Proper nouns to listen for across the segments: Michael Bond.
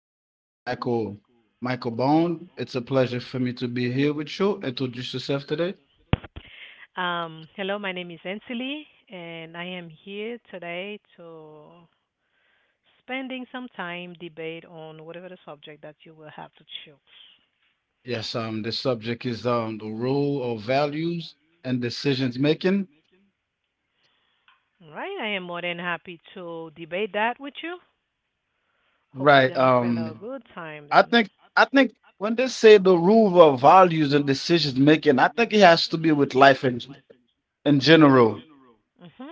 uh, Mi- Michael Michael Bond. It's a pleasure for me to be here with you. Introduce yourself today. Hello, my name is Ansley, and I am here today to spending some time debate on whatever the subject that you will have to choose. Yes, the subject is the role of values and decisions making. All right, I am more than happy to debate that with you. Hope we're Right. gonna spend a good time I then. think I think when they say the rule of values and decisions making, I think it has to be with life in general. Mhm.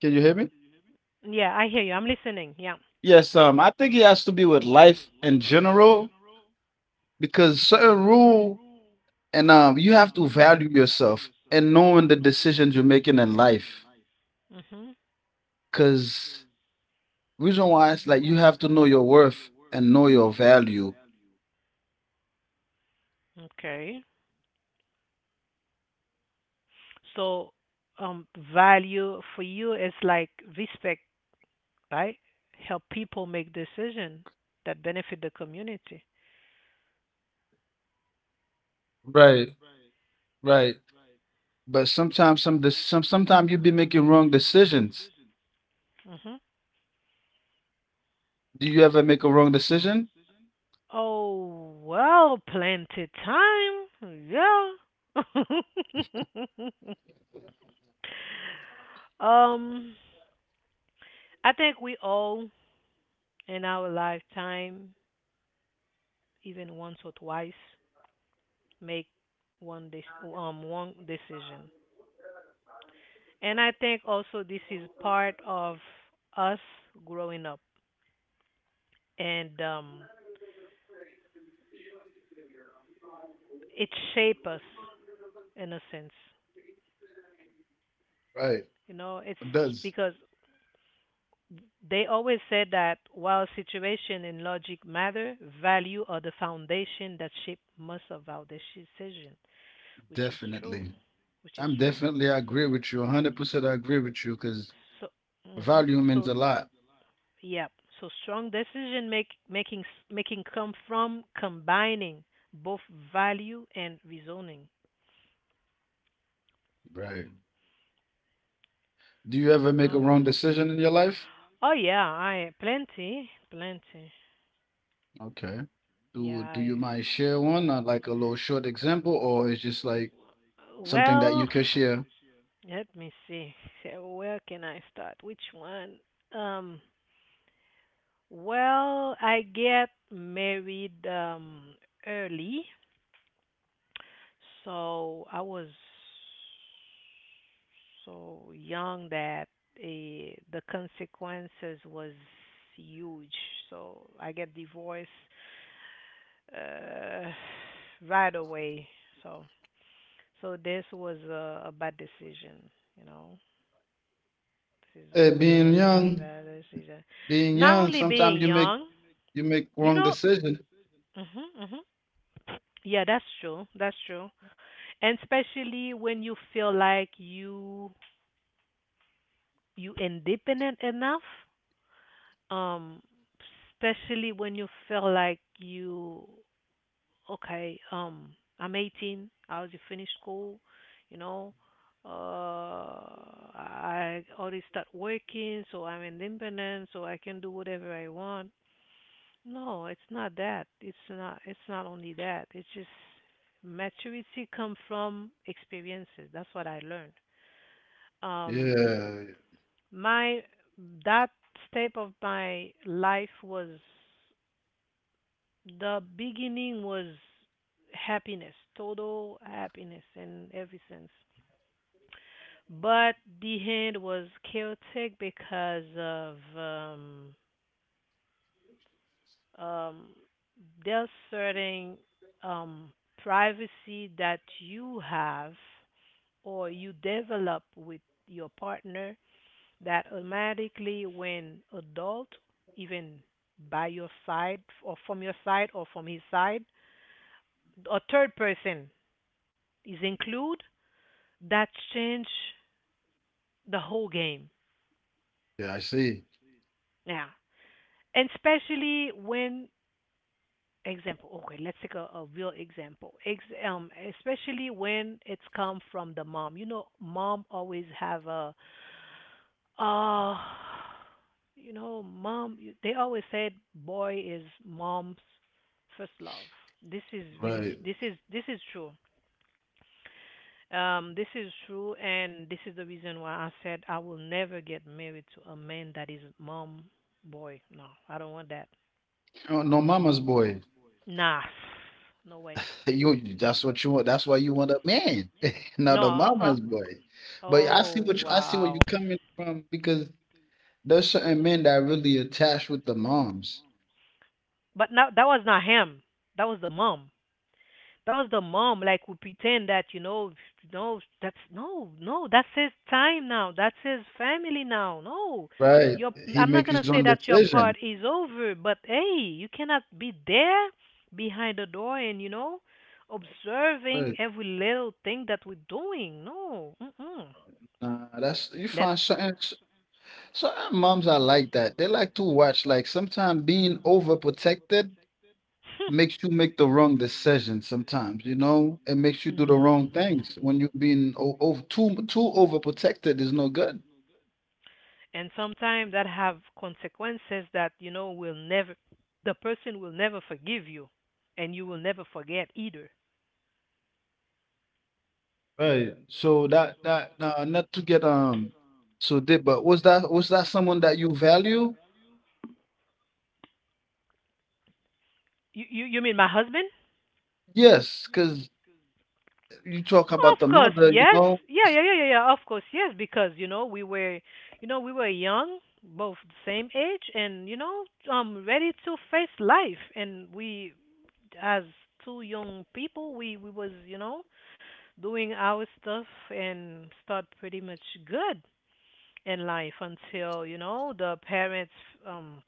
Can you hear me? Yeah, I hear you. I'm listening. Yeah. Yes, I think it has to be with life in general because certain rule and you have to value yourself and knowing the decisions you're making in life. Mhm. Cause reason why it's like you have to know your worth and know your value. Okay. So, value for you is like respect, right? Help people make decision that benefit the community. Right, right. But sometimes sometimes you be making wrong decisions. Mhm. Do you ever make a wrong decision? Oh, well, plenty time. Yeah. um, I think we all in our lifetime, even once or twice, make one decision, and I think also this is part of us growing up, and it shape us in a sense. Right. You know, it's It does. because they always said that while situation and logic matter, value are the foundation that shape most of our decision, which is true, Definitely. which is true. I agree with you. 100% I agree with you because So, hmm value means so a lot. yeah, so strong decision make making s- making come from combining both value and reasoning. Right. Do you ever make a No, wrong decision in your life? oh yeah, I plenty, plenty. Okay. Yeah, Do you mind share one, like a little short example, or it's just like something that well, you could share? let me see. So where can I start? Which one? Um, well, I get married early, so I was so young that the consequences was huge. So I get divorced uh right away. So so this was a bad decision, you know. This Hey, was being a very young, bad decision. being Not young, only sometimes being young, you make you wrong know. decision. hmm hmm Yeah, that's true. That's true. And especially when you feel like you independent enough. Um, Especially when you feel like you okay. I'm 18. I was finished school. You know, I already start working, so I'm independent, so I can do whatever I want. No, it's not that. It's not only that. It's just maturity come from experiences. That's what I learned. Um Yeah, my That step of my life was the beginning was happiness, total happiness in every sense. But the end was chaotic because of um, there's certain um, privacy that you have or you develop with your partner that automatically, when adult, even by your side or from your side or from his side, a third person is included, that change the whole game. yeah, I see. Yeah. And especially when. Example. Okay, let's take a real example. Especially when it's come from the mom. You know, mom always have uh, you know, mom. They always said, boy is mom's first love. This is really, Right. This is true. This is true, and this is the reason why I said I will never get married to a man that is mom boy. No, I don't want that. You're no mama's Mm-mm. boy. Nah, no way. Hey, you, that's what you want. That's why you want a man, No, not a mama's boy. But oh I see where wow. you're coming from because there's certain men that are really attached with the moms, But now that was not him. That was the mom. That was the mom, like, who pretend that, you know, no, that's no no that's his time now. That's his family now. No. right? Your He I'm make not his going to own say that your decision, part is over, but hey, you cannot be there behind the door and, you know, right? observing every little thing that we're doing. No. Mm-mm. Nah, that's you Let find certain moms are like that. They like to watch. Like sometimes being overprotected makes you make the wrong decision. Sometimes you know it makes you do the wrong things when you're mm. being o- over too too overprotected is no good. And sometimes that have consequences that, you know, will never. The person will never forgive you, and you will never forget either. Right. So that that not to get so deep, but was that someone that you value? You mean my husband? Yes, because you talk about Of the course, mother, you yes. know. Yeah, yeah, yeah, yeah, yeah, of course, yes, because, you know, we were young, both the same age, and, you know, ready to face life, and we, as two young people, we was, you know, doing our stuff and start pretty much good in life until, you know, the parents um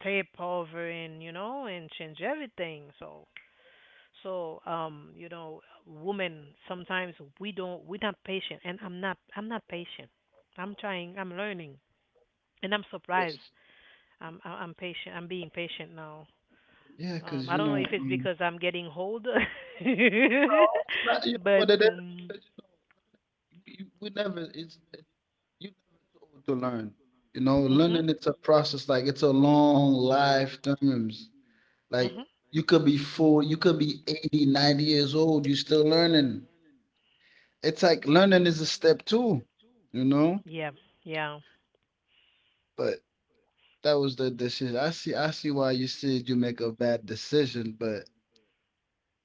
step over, and, you know, and change everything. So, women, sometimes we're not patient, and I'm not patient. I'm trying, I'm learning, and I'm surprised. Yes. I'm patient, I'm being patient now. Yeah, because I you don't know if know, it's because I'm getting older. no, it's not, you know But what it is. 'Cause, you know, we never you never too old to learn. You know, mhm. learning it's a process. Like it's a long lifetimes. Like Mhm. You could be 80, 90 years old. You still learning. It's like learning is a step too, you know. Yeah, yeah, But that was the decision. I see. I see why you said you make a bad decision, but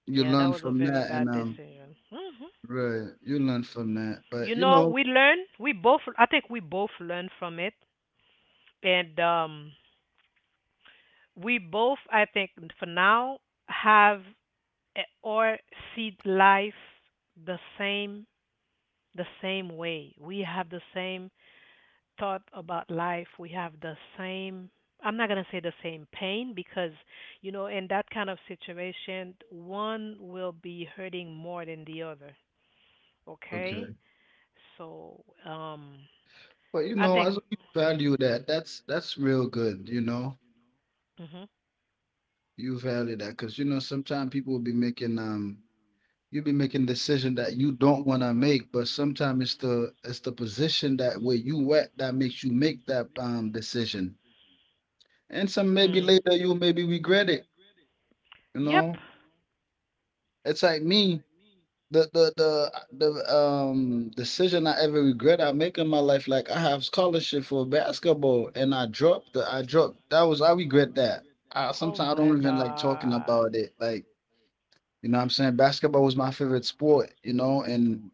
you yeah, that learn was a from very that, bad and decision. Right, you learn from that. You But you know, know, we learn. We both. I think we both learn from it, and we both. I think for now have or see life the same the same way. We have the same thought about life. We have the same. I'm not gonna say the same pain because, you know, in that kind of situation, one will be hurting more than the other. Okay? okay. So, But you I know, think, as you value that, that's real good. You know, mhm, you value that because you know sometimes people will be making you be making decision that you don't want to make, but sometimes it's the position that where you at that makes you make that decision and some maybe mm, later you maybe regret it. You yep. know, it's like me. The the the the decision I ever regret I make in my life, like I have scholarship for basketball and I dropped that was I regret that. Oh I my don't even like talking God. about it. Like, you know what I'm saying? Basketball was my favorite sport, you know, and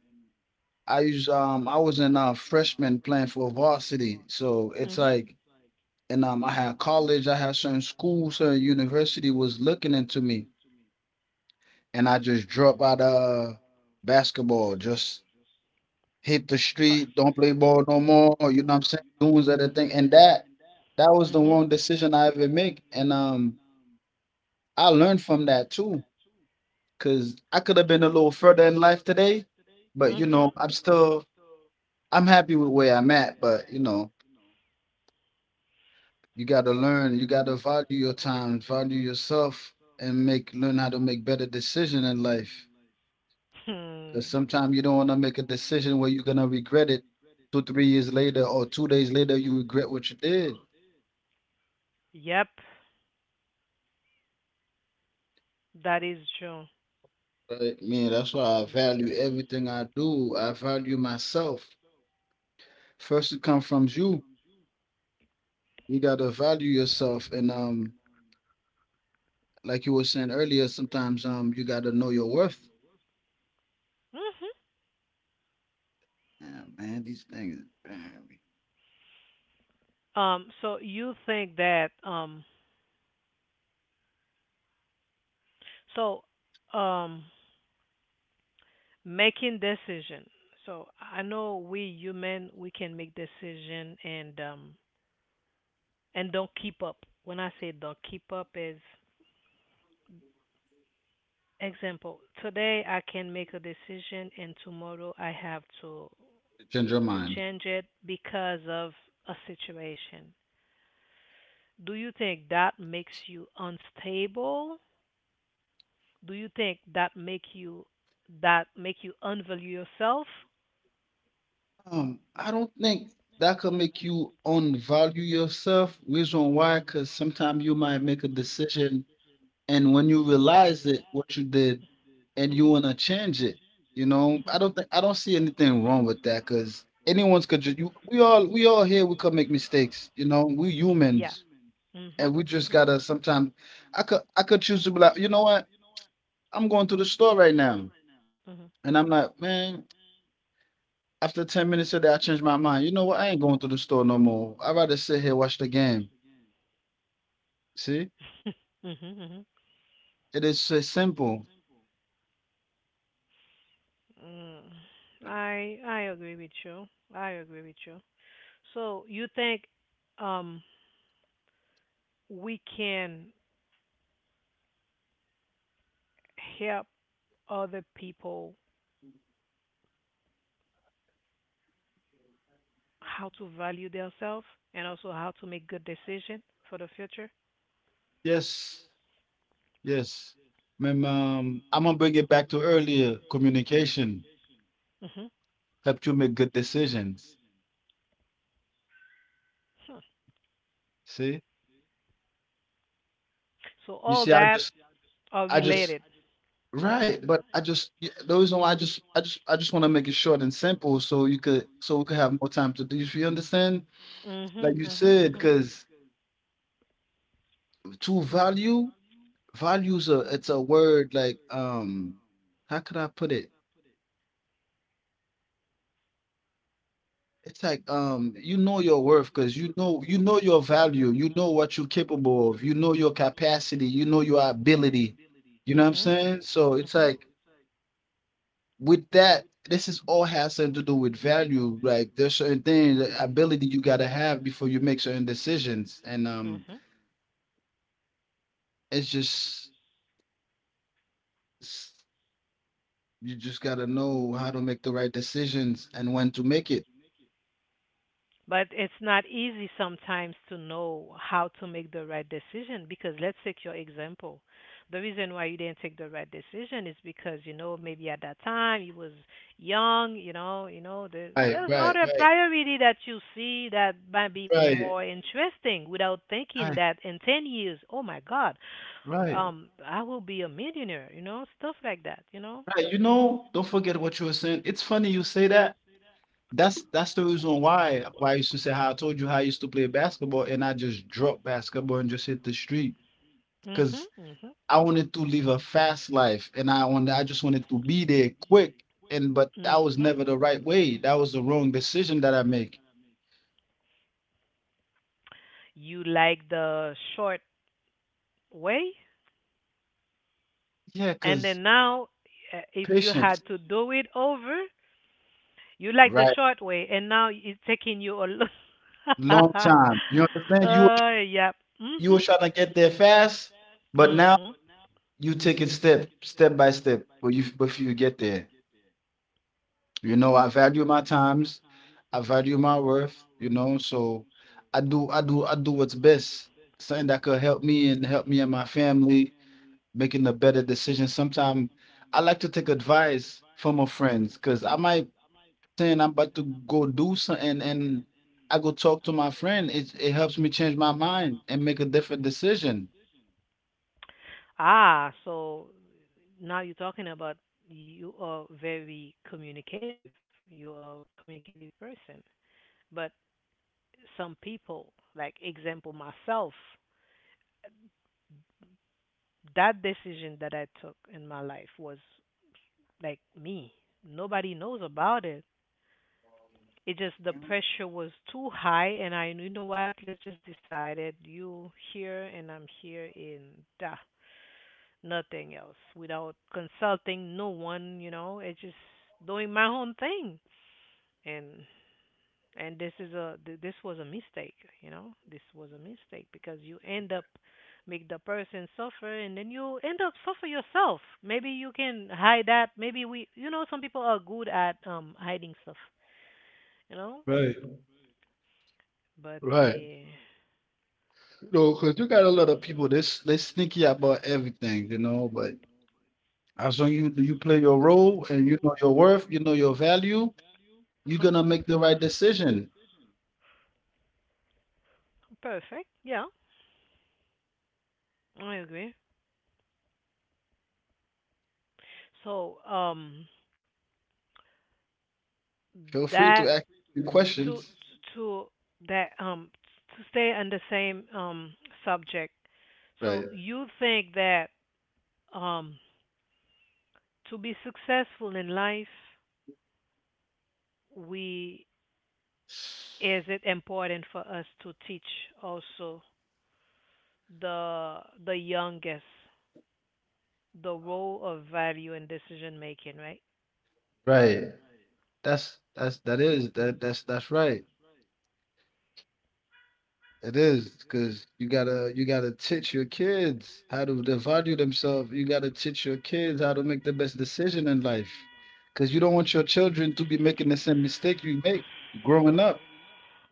I was in freshman playing for varsity. So it's Mhm. like and I had college, I had certain schools, certain university was looking into me and I just dropped out of basketball. Just hit the Fu- street, don't play ball no more. You know what I'm saying? Doing other thing, and that was the Mhm. wrong decision I ever make. And I learned from that too, cause I could have been a little further in life today, but you know, Mhm. I'm happy with where I'm at. But you know, you got to learn. You got to value your time, value yourself, and make learn how to make better decision in life. Because Hmm. sometimes you don't want to make a decision where you're gonna regret it two, 3 years later, or 2 days later, you regret what you did. Yep. That is true. Right? Man, that's why I value everything I do. I value myself. First, it comes from you. You gotta value yourself, and like you were saying earlier, sometimes you gotta know your worth. Mhm. Yeah, man, these things man, So you think that So um. making decision. So I know we human we can make decision, and and don't keep up. When I say don't keep up is, example, today I can make a decision, and tomorrow I have to change your to mind. change it because of a situation. Do you think that makes you unstable? Do you think that make you unvalue yourself? I don't think that could make you unvalue yourself. Reason why? Because sometimes you might make a decision and when you Mhm. realize it what you did and you want Mhm. to change it, you know, Mhm. I don't see anything wrong with that because anyone's could ju- you, we all here we could make mistakes, you know, we Yeah. humans Mhm. and we just Mhm. gotta sometimes I could choose to be like, you know what, I'm going to the store right now Mhm. and I'm like, man, after 10 minutes of that I changed my mind, you know what, I ain't going to the store no more, I'd rather sit here watch the game. See, Mhm. Mhm. it is so simple. Mm. I agree with you. I agree with you. So you think, um we can help other people how to value themselves and also how to make good decision for the future? Yes. Yes. Ma'am, I'm gonna bring it back to earlier. Communication Mhm. helped you make good decisions. Huh. See? So You all see, that are I just related. right, but the reason why I just wanna make it short and simple so you could so we could have more time to do, if you understand? Like Mhm. you Mhm. said, Mhm. because to value, values are it's a word like how could I put it? It's like you know your worth because you know your value, you know what you're capable of, you know your capacity, you know your ability. You know what I'm Mhm. saying? So it's Mhm. like with that, this is all has something to do with value. Like there's certain things, that ability you gotta have before you make certain decisions. And Mhm. it's just s- you just gotta know how to make the right decisions and when to make it. But it's not easy sometimes to know how to make the right decision because let's take your example. The reason why you didn't take the right decision is because, you know, maybe at that time you was young, you know, Right, there's right, other right, priority that you see that might be right, more interesting without thinking right, that in 10 years, oh my God, right. I will be a millionaire, you know, stuff like that, you know. Right, you know, don't forget what you were saying. It's funny you say that. That's the reason why I used to say how I told you how I used to play basketball and I just dropped basketball and just hit the street Mhm, because mhm. I wanted to live a fast life and I just wanted to be there quick and but that was Mhm. never the right way. That was the wrong decision that I make. You like the short way. Yeah, And then because now, if you patience, had to do it over, you like the right? short way, and now it's taking you a Long lot. time. You understand? Yeah. You were Mhm. trying to get there fast, but now Mhm. you take it step by step. But you but if you get there. You know, I value my times, I value my worth, you know, so I do what's best. Something that could help me and my family making a better decision. Sometimes I like to take advice from my friends because I might saying I'm about to go do something and I go talk to my friend. It helps me change my mind and make a different decision. Ah, so now you're talking about, you are very communicative. You are a communicative person. But some people, like example myself, that decision that I took in my life was like me. Nobody knows about it. It just the pressure was too high, and I, you know what? Let's just decide it. You here and I'm here in da, nothing else. Without consulting no one, you know, it's just doing my own thing. And and this is this was a mistake, you know. This was a mistake because you end up make the person suffer and then you end up suffer yourself. Maybe you can hide that. Maybe we, you know, some people are good at hiding stuff, you know. Right. But Right. You know, because you got a lot of people this they sneaky about everything, you know, but as long you play your role and you know your worth, you know your value, you're uh-huh. gonna make the right decision. Perfect. Yeah, I agree. So, Feel free to that ask me to questions. to that to stay on the same subject. Right. So you think that, um to be successful in life, we. Is it important for us to teach also the the youngest the role of value in decision making, right? Right. That's that is that that's right. It is because you gotta teach your kids how to the value themselves. You gotta teach your kids how to make the best decision in life. Because you don't want your children to be making the same mistake you make growing up.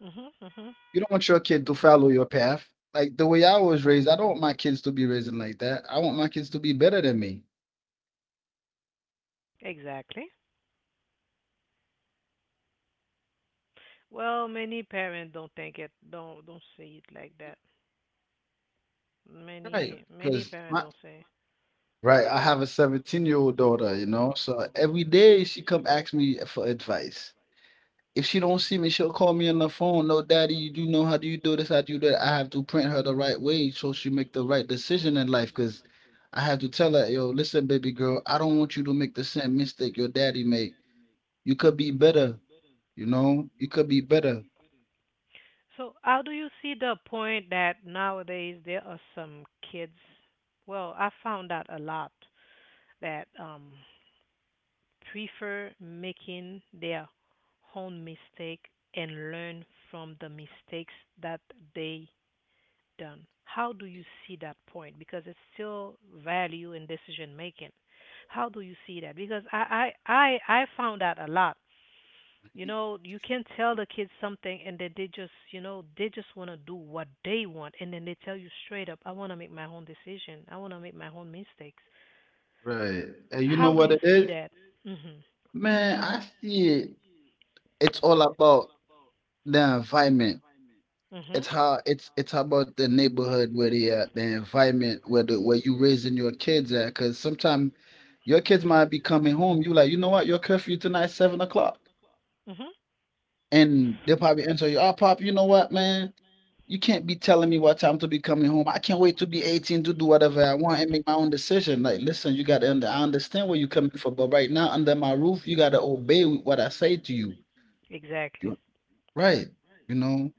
Mhm. Mhm. You don't want your kid to follow your path. Like the way I was raised, I don't want my kids to be raised like that. I want my kids to be better than me. Exactly. Well, many parents don't think it, don't see it like that. Right. Many Because parents my don't say. right, I have a 17-year-old daughter, you know. So every day she come ask me for advice. If she don't see me, she'll call me on the phone. No, daddy, you do know how do you do this? How do you do that? I have to print her the right way so she make the right decision in life. Cause I have to tell her, yo, listen, baby girl, I don't want you to make the same mistake your daddy made. You could be better, you know. You could be better. So, how do you see the point that nowadays there are some kids? Well, I found out a lot that prefer making their own mistake and learn from the mistakes that they done? How do you see that point? Because it's still value in decision making. How do you see that? Because I found that a lot. You know, you can tell the kids something and then they just, you know, they just want to do what they want and then they tell you straight up, I want to make my own decision. I want to make my own mistakes. Right. And you know How do what you it see is? that? Mhm. Man, I see it. It's all about the environment. Mhm. It's how it's about the neighborhood where they at, the environment where the where you raising your kids at. Cause sometimes your kids might be coming home. You like, you know what, your curfew tonight 7 o'clock. Mhm. And they'll probably answer you, "Oh pop, you know what, man? You can't be telling me what time to be coming home. I can't wait to be 18 to do whatever I want and make my own decision." Like, listen, you gotta I understand where you're coming from, but right now under my roof, you gotta obey what I say to you. Exactly. You right, you know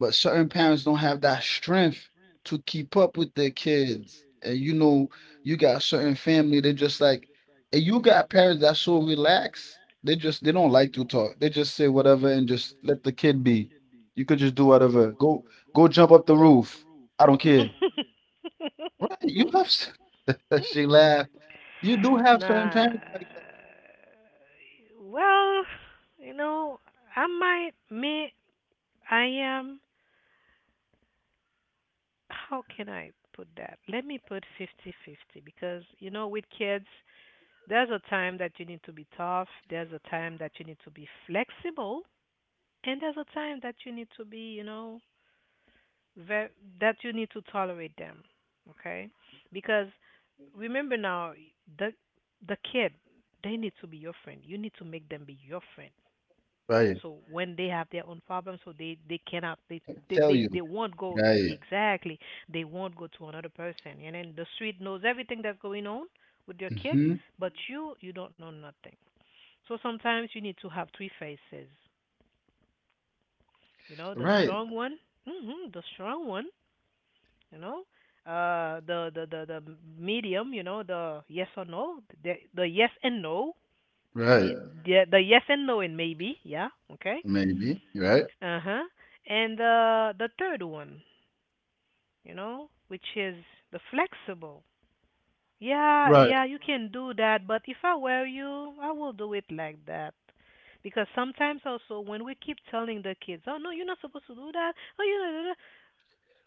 but certain parents don't have that strength to keep up with their kids. And you know, you got certain family, they just like, and you got parents that's so relaxed, they don't like to talk. They just say whatever and just let the kid be. You could just do whatever. Go jump up the roof. I don't care. Right. She laughed. You do have certain Nah. parents like that. Well, you know, I might, may, I am, how can I put that? Let me put 50-50 because, you know, with kids, there's a time that you need to be tough, there's a time that you need to be flexible, and there's a time that you need to be, you know, ve- that you need to tolerate them, okay? Because remember now, the the kid, they need to be your friend. You need to make them be your friend. Right. So when they have their own problems, so they cannot Tell you. they won't go. Right. Exactly. They won't go to another person, and then the street knows everything that's going on with your kid, hmm but you don't know nothing. So sometimes you need to have three faces. You know, the Right. strong one, the strong one. You know, the medium. You know, the yes or no, the yes and no, Right. the yes and no and maybe, yeah, okay. Maybe. Right. Uh-huh. And the third one, you know, which is the flexible. Yeah, Right. yeah, you can do that, but if I were you, I will do it like that. Because sometimes also when we keep telling the kids, "Oh no, you're not supposed to do that." Oh, you know, da- da,"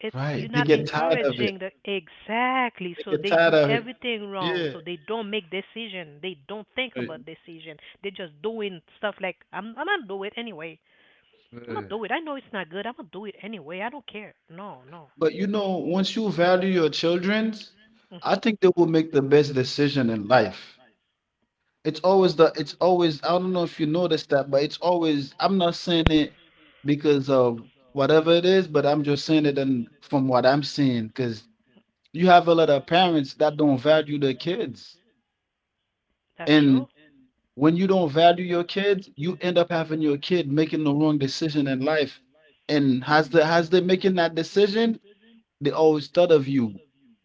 it's Right, you're they not get tired of it. encouraging the exactly. So They get they tired do of it. everything wrong. Yeah. So they don't make decision. They don't think about Right, decision. They're just doing stuff like I'm not do it anyway. I'm gonna right. do it. I know it's not good. I'm gonna do it anyway. I don't care. No, no. But, you know, once you value your children's, I Mhm. think they will make the best decision in life. It's always, I don't know if you noticed that, but it's always, I'm not saying it because of whatever it is, but I'm just saying it Mhm. and from what I'm seeing, because you have a lot of parents that don't value their kids. That's And, true. when you don't value your kids, you end up having your kid making the wrong decision in life. And has they making that decision, they always thought of you.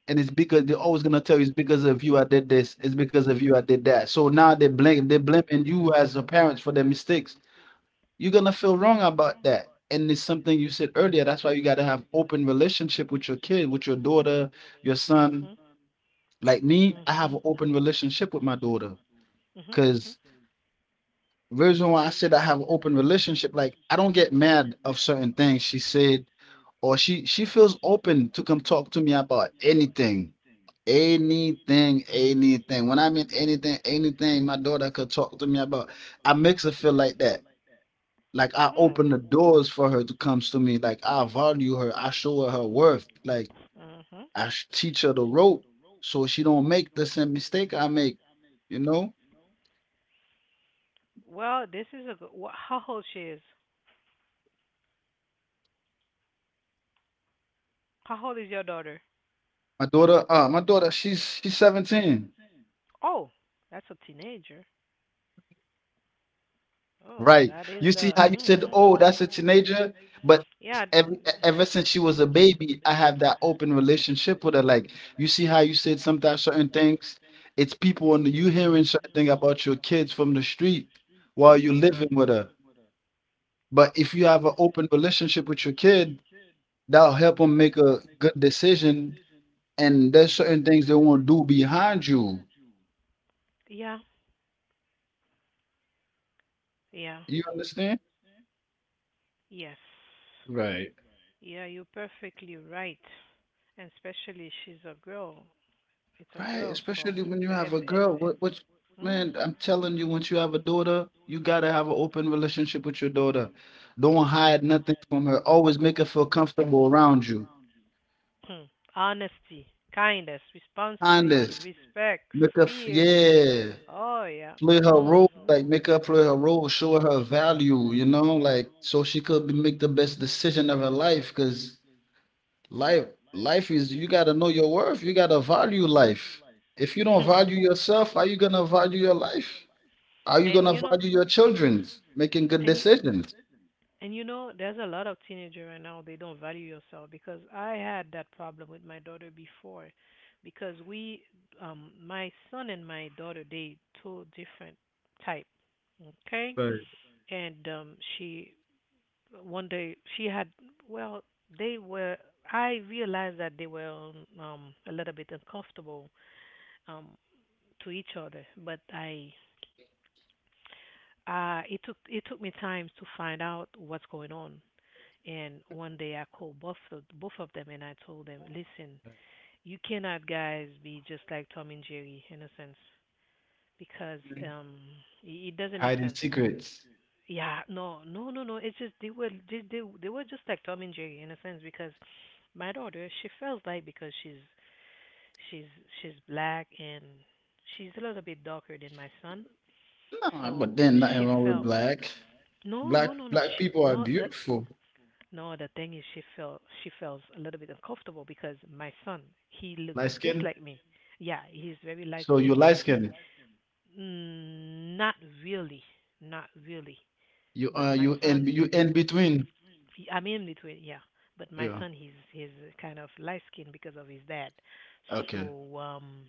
And it's because they're always gonna tell you, it's because of you I did this, it's because of you I did that. So now they blaming you as a parent for their mistakes. You're gonna feel wrong about that. And it's something you said earlier. That's why you gotta have open relationship with your kid, with your daughter, your Mhm. son. Mhm. Like me, I have Mhm. an open relationship with my daughter Mhm. because reason why I said I have an open relationship, like I don't get mad of certain things she said, or she feels open to come talk to me about anything, anything, anything. When I mean anything, anything, my daughter could talk to me about. I makes her feel like that. Like I Hmm. open the doors for her to come to me. Like I value her. I show her her worth. Like Mhm. Teach her the rope so she don't make the same mistake I make. You know, Well, this is a good. Wha How old she is? How old is your daughter? my daughter. My daughter. She's 17. Oh, that's a teenager. Oh, Right. that is You see the. how you said, Mhm. "Oh, that's a teenager," but Yeah. Ever since she was a baby, I have that open relationship with her. Like, you see how you said sometimes certain things, it's people on the, you hearing certain thing about your kids from the street while you're Mhm. living with her. But if you have an open relationship with your kid, that'll help them make a good decision. And there's certain things they won't do behind you. Yeah. Yeah. You understand? Yes. Right. Yeah, you're perfectly right. And especially she's a girl. It's a Right, girl, so especially when you have it's a it's girl. It's Man, Mhm. I'm telling you, once you have a daughter, you gotta have an open relationship with your daughter. Don't hide nothing from her. Always make her feel comfortable around you. Hmm. Honesty, kindness, responsibility, Kindness. respect, Make her, f- fear. yeah, Oh yeah. play her role. Mhm. Like make her play her role, show her value, you know, like so she could be, make the best decision of her life. Cause life, life is you gotta know your worth. You gotta value life. If you don't Hmm. value yourself, how you gonna value your life? How you And gonna you know, value your children's making good and you decisions? And you know, there's a lot of teenagers right now, they don't value yourself because I had that problem with my daughter before because we my son and my daughter, they two different type, okay? Sorry. And she one day she had, well, they were, I realized that they were a little bit uncomfortable um to each other, but I it took me time to find out what's going on. And one day I called both of them and I told them, listen, you cannot guys be just like Tom and Jerry in a sense because um it doesn't make Hiding sense. secrets. Yeah, no, no, no, no. It's just they were just like Tom and Jerry in a sense because my daughter she feels like, because she's she's black and she's a little bit darker than my son, No, so but then she nothing wrong felt, with black. no, Black no, no, no, black she, people are no, the. beautiful. No, the thing is she feels a little bit uncomfortable because my son, he looks Light just skin. like me. Yeah, he's very light So you skinned and light he skin. mm, not really, not really. You But my you in son, between. he, I'm in between, yeah. But my Yeah. son, he's kind of light skinned because of his dad. Okay. So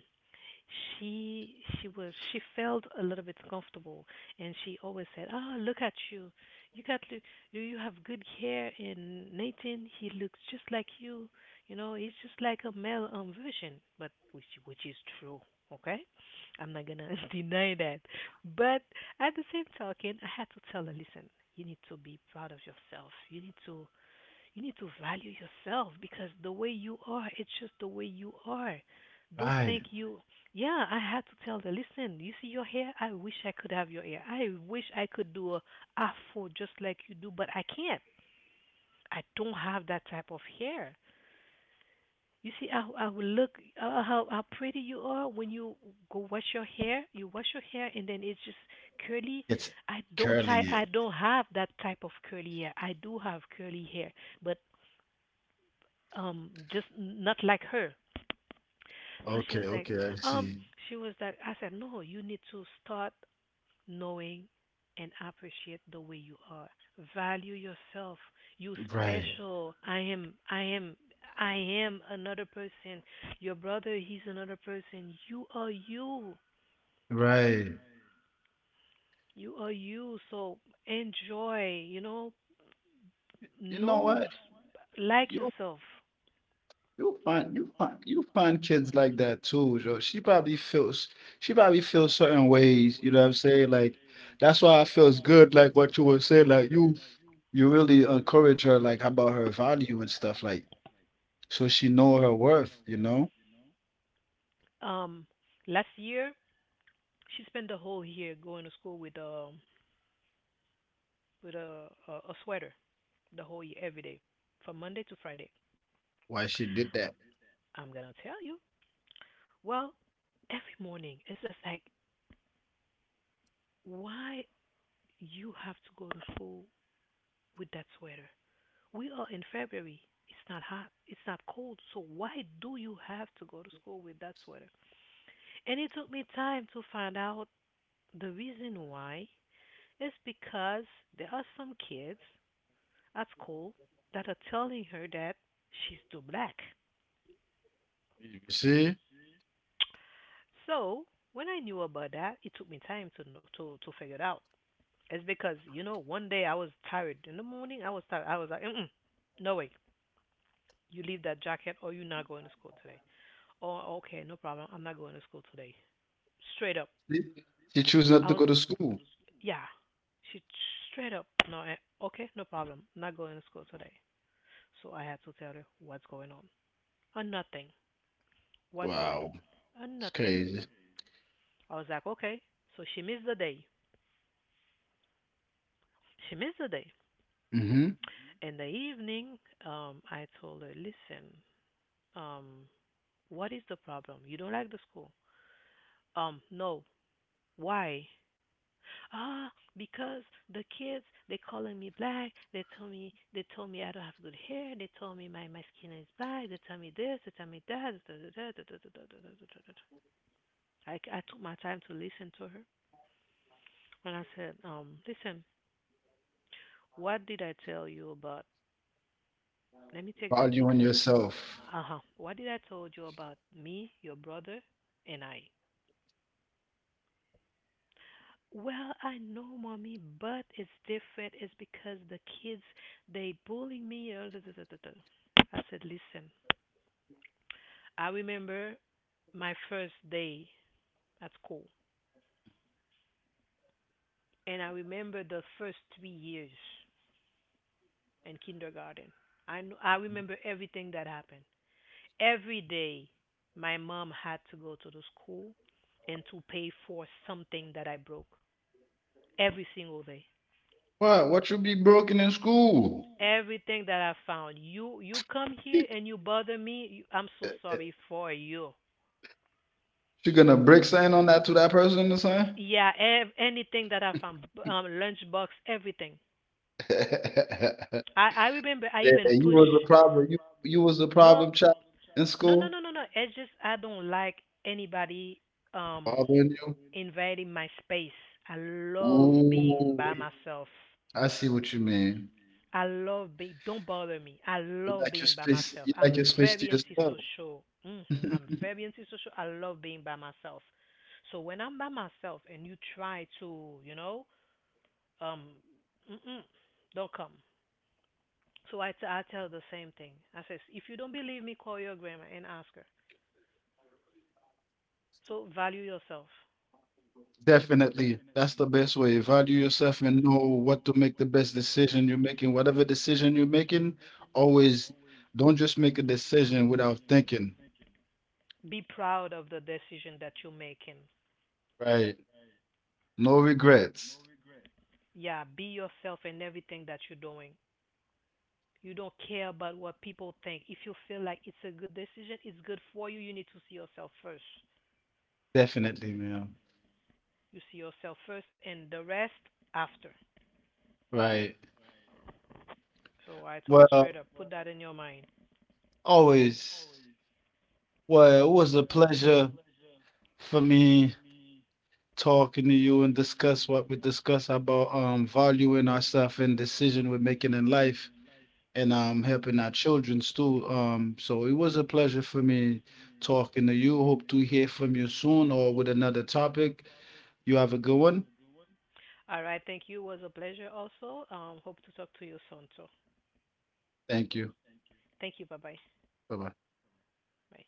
she she felt a little bit comfortable, and she always said, "Ah, look at you! You got look, you have good hair, and Nathan he looks just like you. You know, he's just like a male version, but which is true." Okay, I'm not gonna deny that, but at the same token, I had to tell her, listen, you need to be proud of yourself. You need to value yourself because the way you are, it's just the way you are. Don't Right. think you. Yeah, I had to tell them. Listen, you see your hair. I wish I could have your hair. I wish I could do a afro just like you do, but I can't. I don't have that type of hair. You see how I look, how pretty you are when you go wash your hair. You wash your hair and then it's just curly. It's I don't I curly. I don't have that type of curly hair. I do have curly hair, but just not like her. So Okay, okay, I um see. she was like, I said, no, you need to start knowing and appreciate the way you are, value yourself, you Right. special, I am another person, your brother he's another person, you are you Right. you are you so enjoy, you know You know know what? like Yo. yourself. You'll find you find kids like that too, yo. She probably feels certain ways, you know what I'm saying? Like that's why I feels good, like what you were saying, like you really encourage her like about her value and stuff, like so she know her worth, you know, um Last year she spent the whole year going to school with a sweater, the whole year, every day, from Monday to Friday. why she did that. I'm gonna tell you. Well, every morning, it's just like, why you have to go to school with that sweater? We are in February. It's not hot. It's not cold. So why do you have to go to school with that sweater? And it took me time to find out the reason why. It's because there are some kids at school that are telling her that she's too black. You see? So when I knew about that, it took me time to to figure it out. It's because, one day I was tired in the morning. I was tired. I was like, mm-mm, no way, you leave that jacket or you're not going to school today. Oh, okay, no problem. I'm not going to school today. Straight up. She she choose not I to was, go to school. yeah. She straight up no. I, okay, no problem. Not going to school today. So I had to tell her what's going on. Nothing. What's going on? Wow, it's Nothing. crazy. I was like, okay. So she missed the day. She missed the day. Mm-hmm. In the evening, I told her, listen, um, what is the problem? You don't like the school? No. Why? Ah, because the kids they calling me black. They told me I don't have good hair. They told me my skin is black. They tell me this. They tell me that. I took my time to listen to her, and I said, listen, what did I tell you about. Let me take that Valuing example. yourself. Uh huh. What did I told you about me, your brother, and I? Well, I know, mommy, but it's different. It's because the kids they bullying me. Duh, duh, duh, duh, duh." I said, listen. I remember my first day at school, and I remember the first 3 years in kindergarten. I remember everything that happened. Every day, my mom had to go to the school and to pay for something that I broke every single day. What you be broken in school? Everything that I found, you come here and you bother me. You, I'm so sorry for you. She gonna break something on that to that person or something? Yeah, anything that I found, lunchbox, everything. I remember I Yeah, even you push. was a problem. You was a No, problem child in no, no, school, no, no, no. It's just I don't like anybody um bothering you? invading my space. I love being Ooh, by myself. I see what you mean. I love being. Don't bother me. I You love like your being by space. myself. You I'm like your space to very yourself. antisocial. Hmm. I'm very antisocial. I love being by myself. So when I'm by myself and you try to, um, mm-mm, don't come. So I, I tell the same thing. I says, if you don't believe me, call your grandma and ask her. So value yourself. Definitely, that's the best way. Value yourself and know what to make the best decision you're making. Whatever decision you're making, always don't just make a decision without thinking. Be proud of the decision that you're making. Right. No regrets. Yeah, be yourself in everything that you're doing. You don't care about what people think. If you feel like it's a good decision, it's good for you, you need to see yourself first. Definitely, ma'am. You see yourself first and the rest after. Right. So I told straight up, Well, put that in your mind. always. Well, it was a pleasure for me talking to you and discuss what we discuss about valuing ourselves and decision we're making in life and helping our children too. So it was a pleasure for me talking to you. Hope to hear from you soon or with another topic. You have a good one. All right, thank you. It was a pleasure also. Hope to talk to you soon. So Thank you. thank you. Bye bye. Bye bye. Bye.